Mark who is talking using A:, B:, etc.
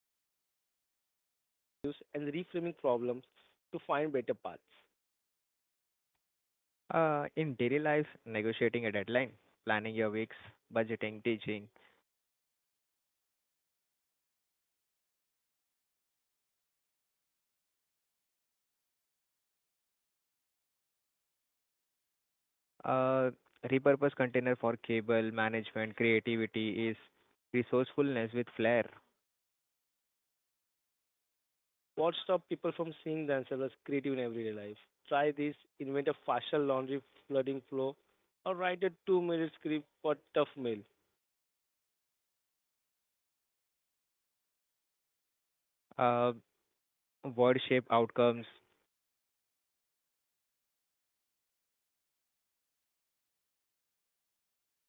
A: with ideas, trying alternatives, and reframing problems to find better paths.
B: In daily life, negotiating a deadline, planning your weeks, budgeting, teaching your kid a concept.
A: Yeah. What stops people from seeing themselves as creative in daily life?
B: Uh, Repurpose container for cable management, creativity is resourcefulness with flair.
A: What stops people from seeing themselves as creative in everyday life? Try this, invent a faster laundry flooding flow, or write a 2 minute script for tough mail.
B: Uh, Word shape outcomes,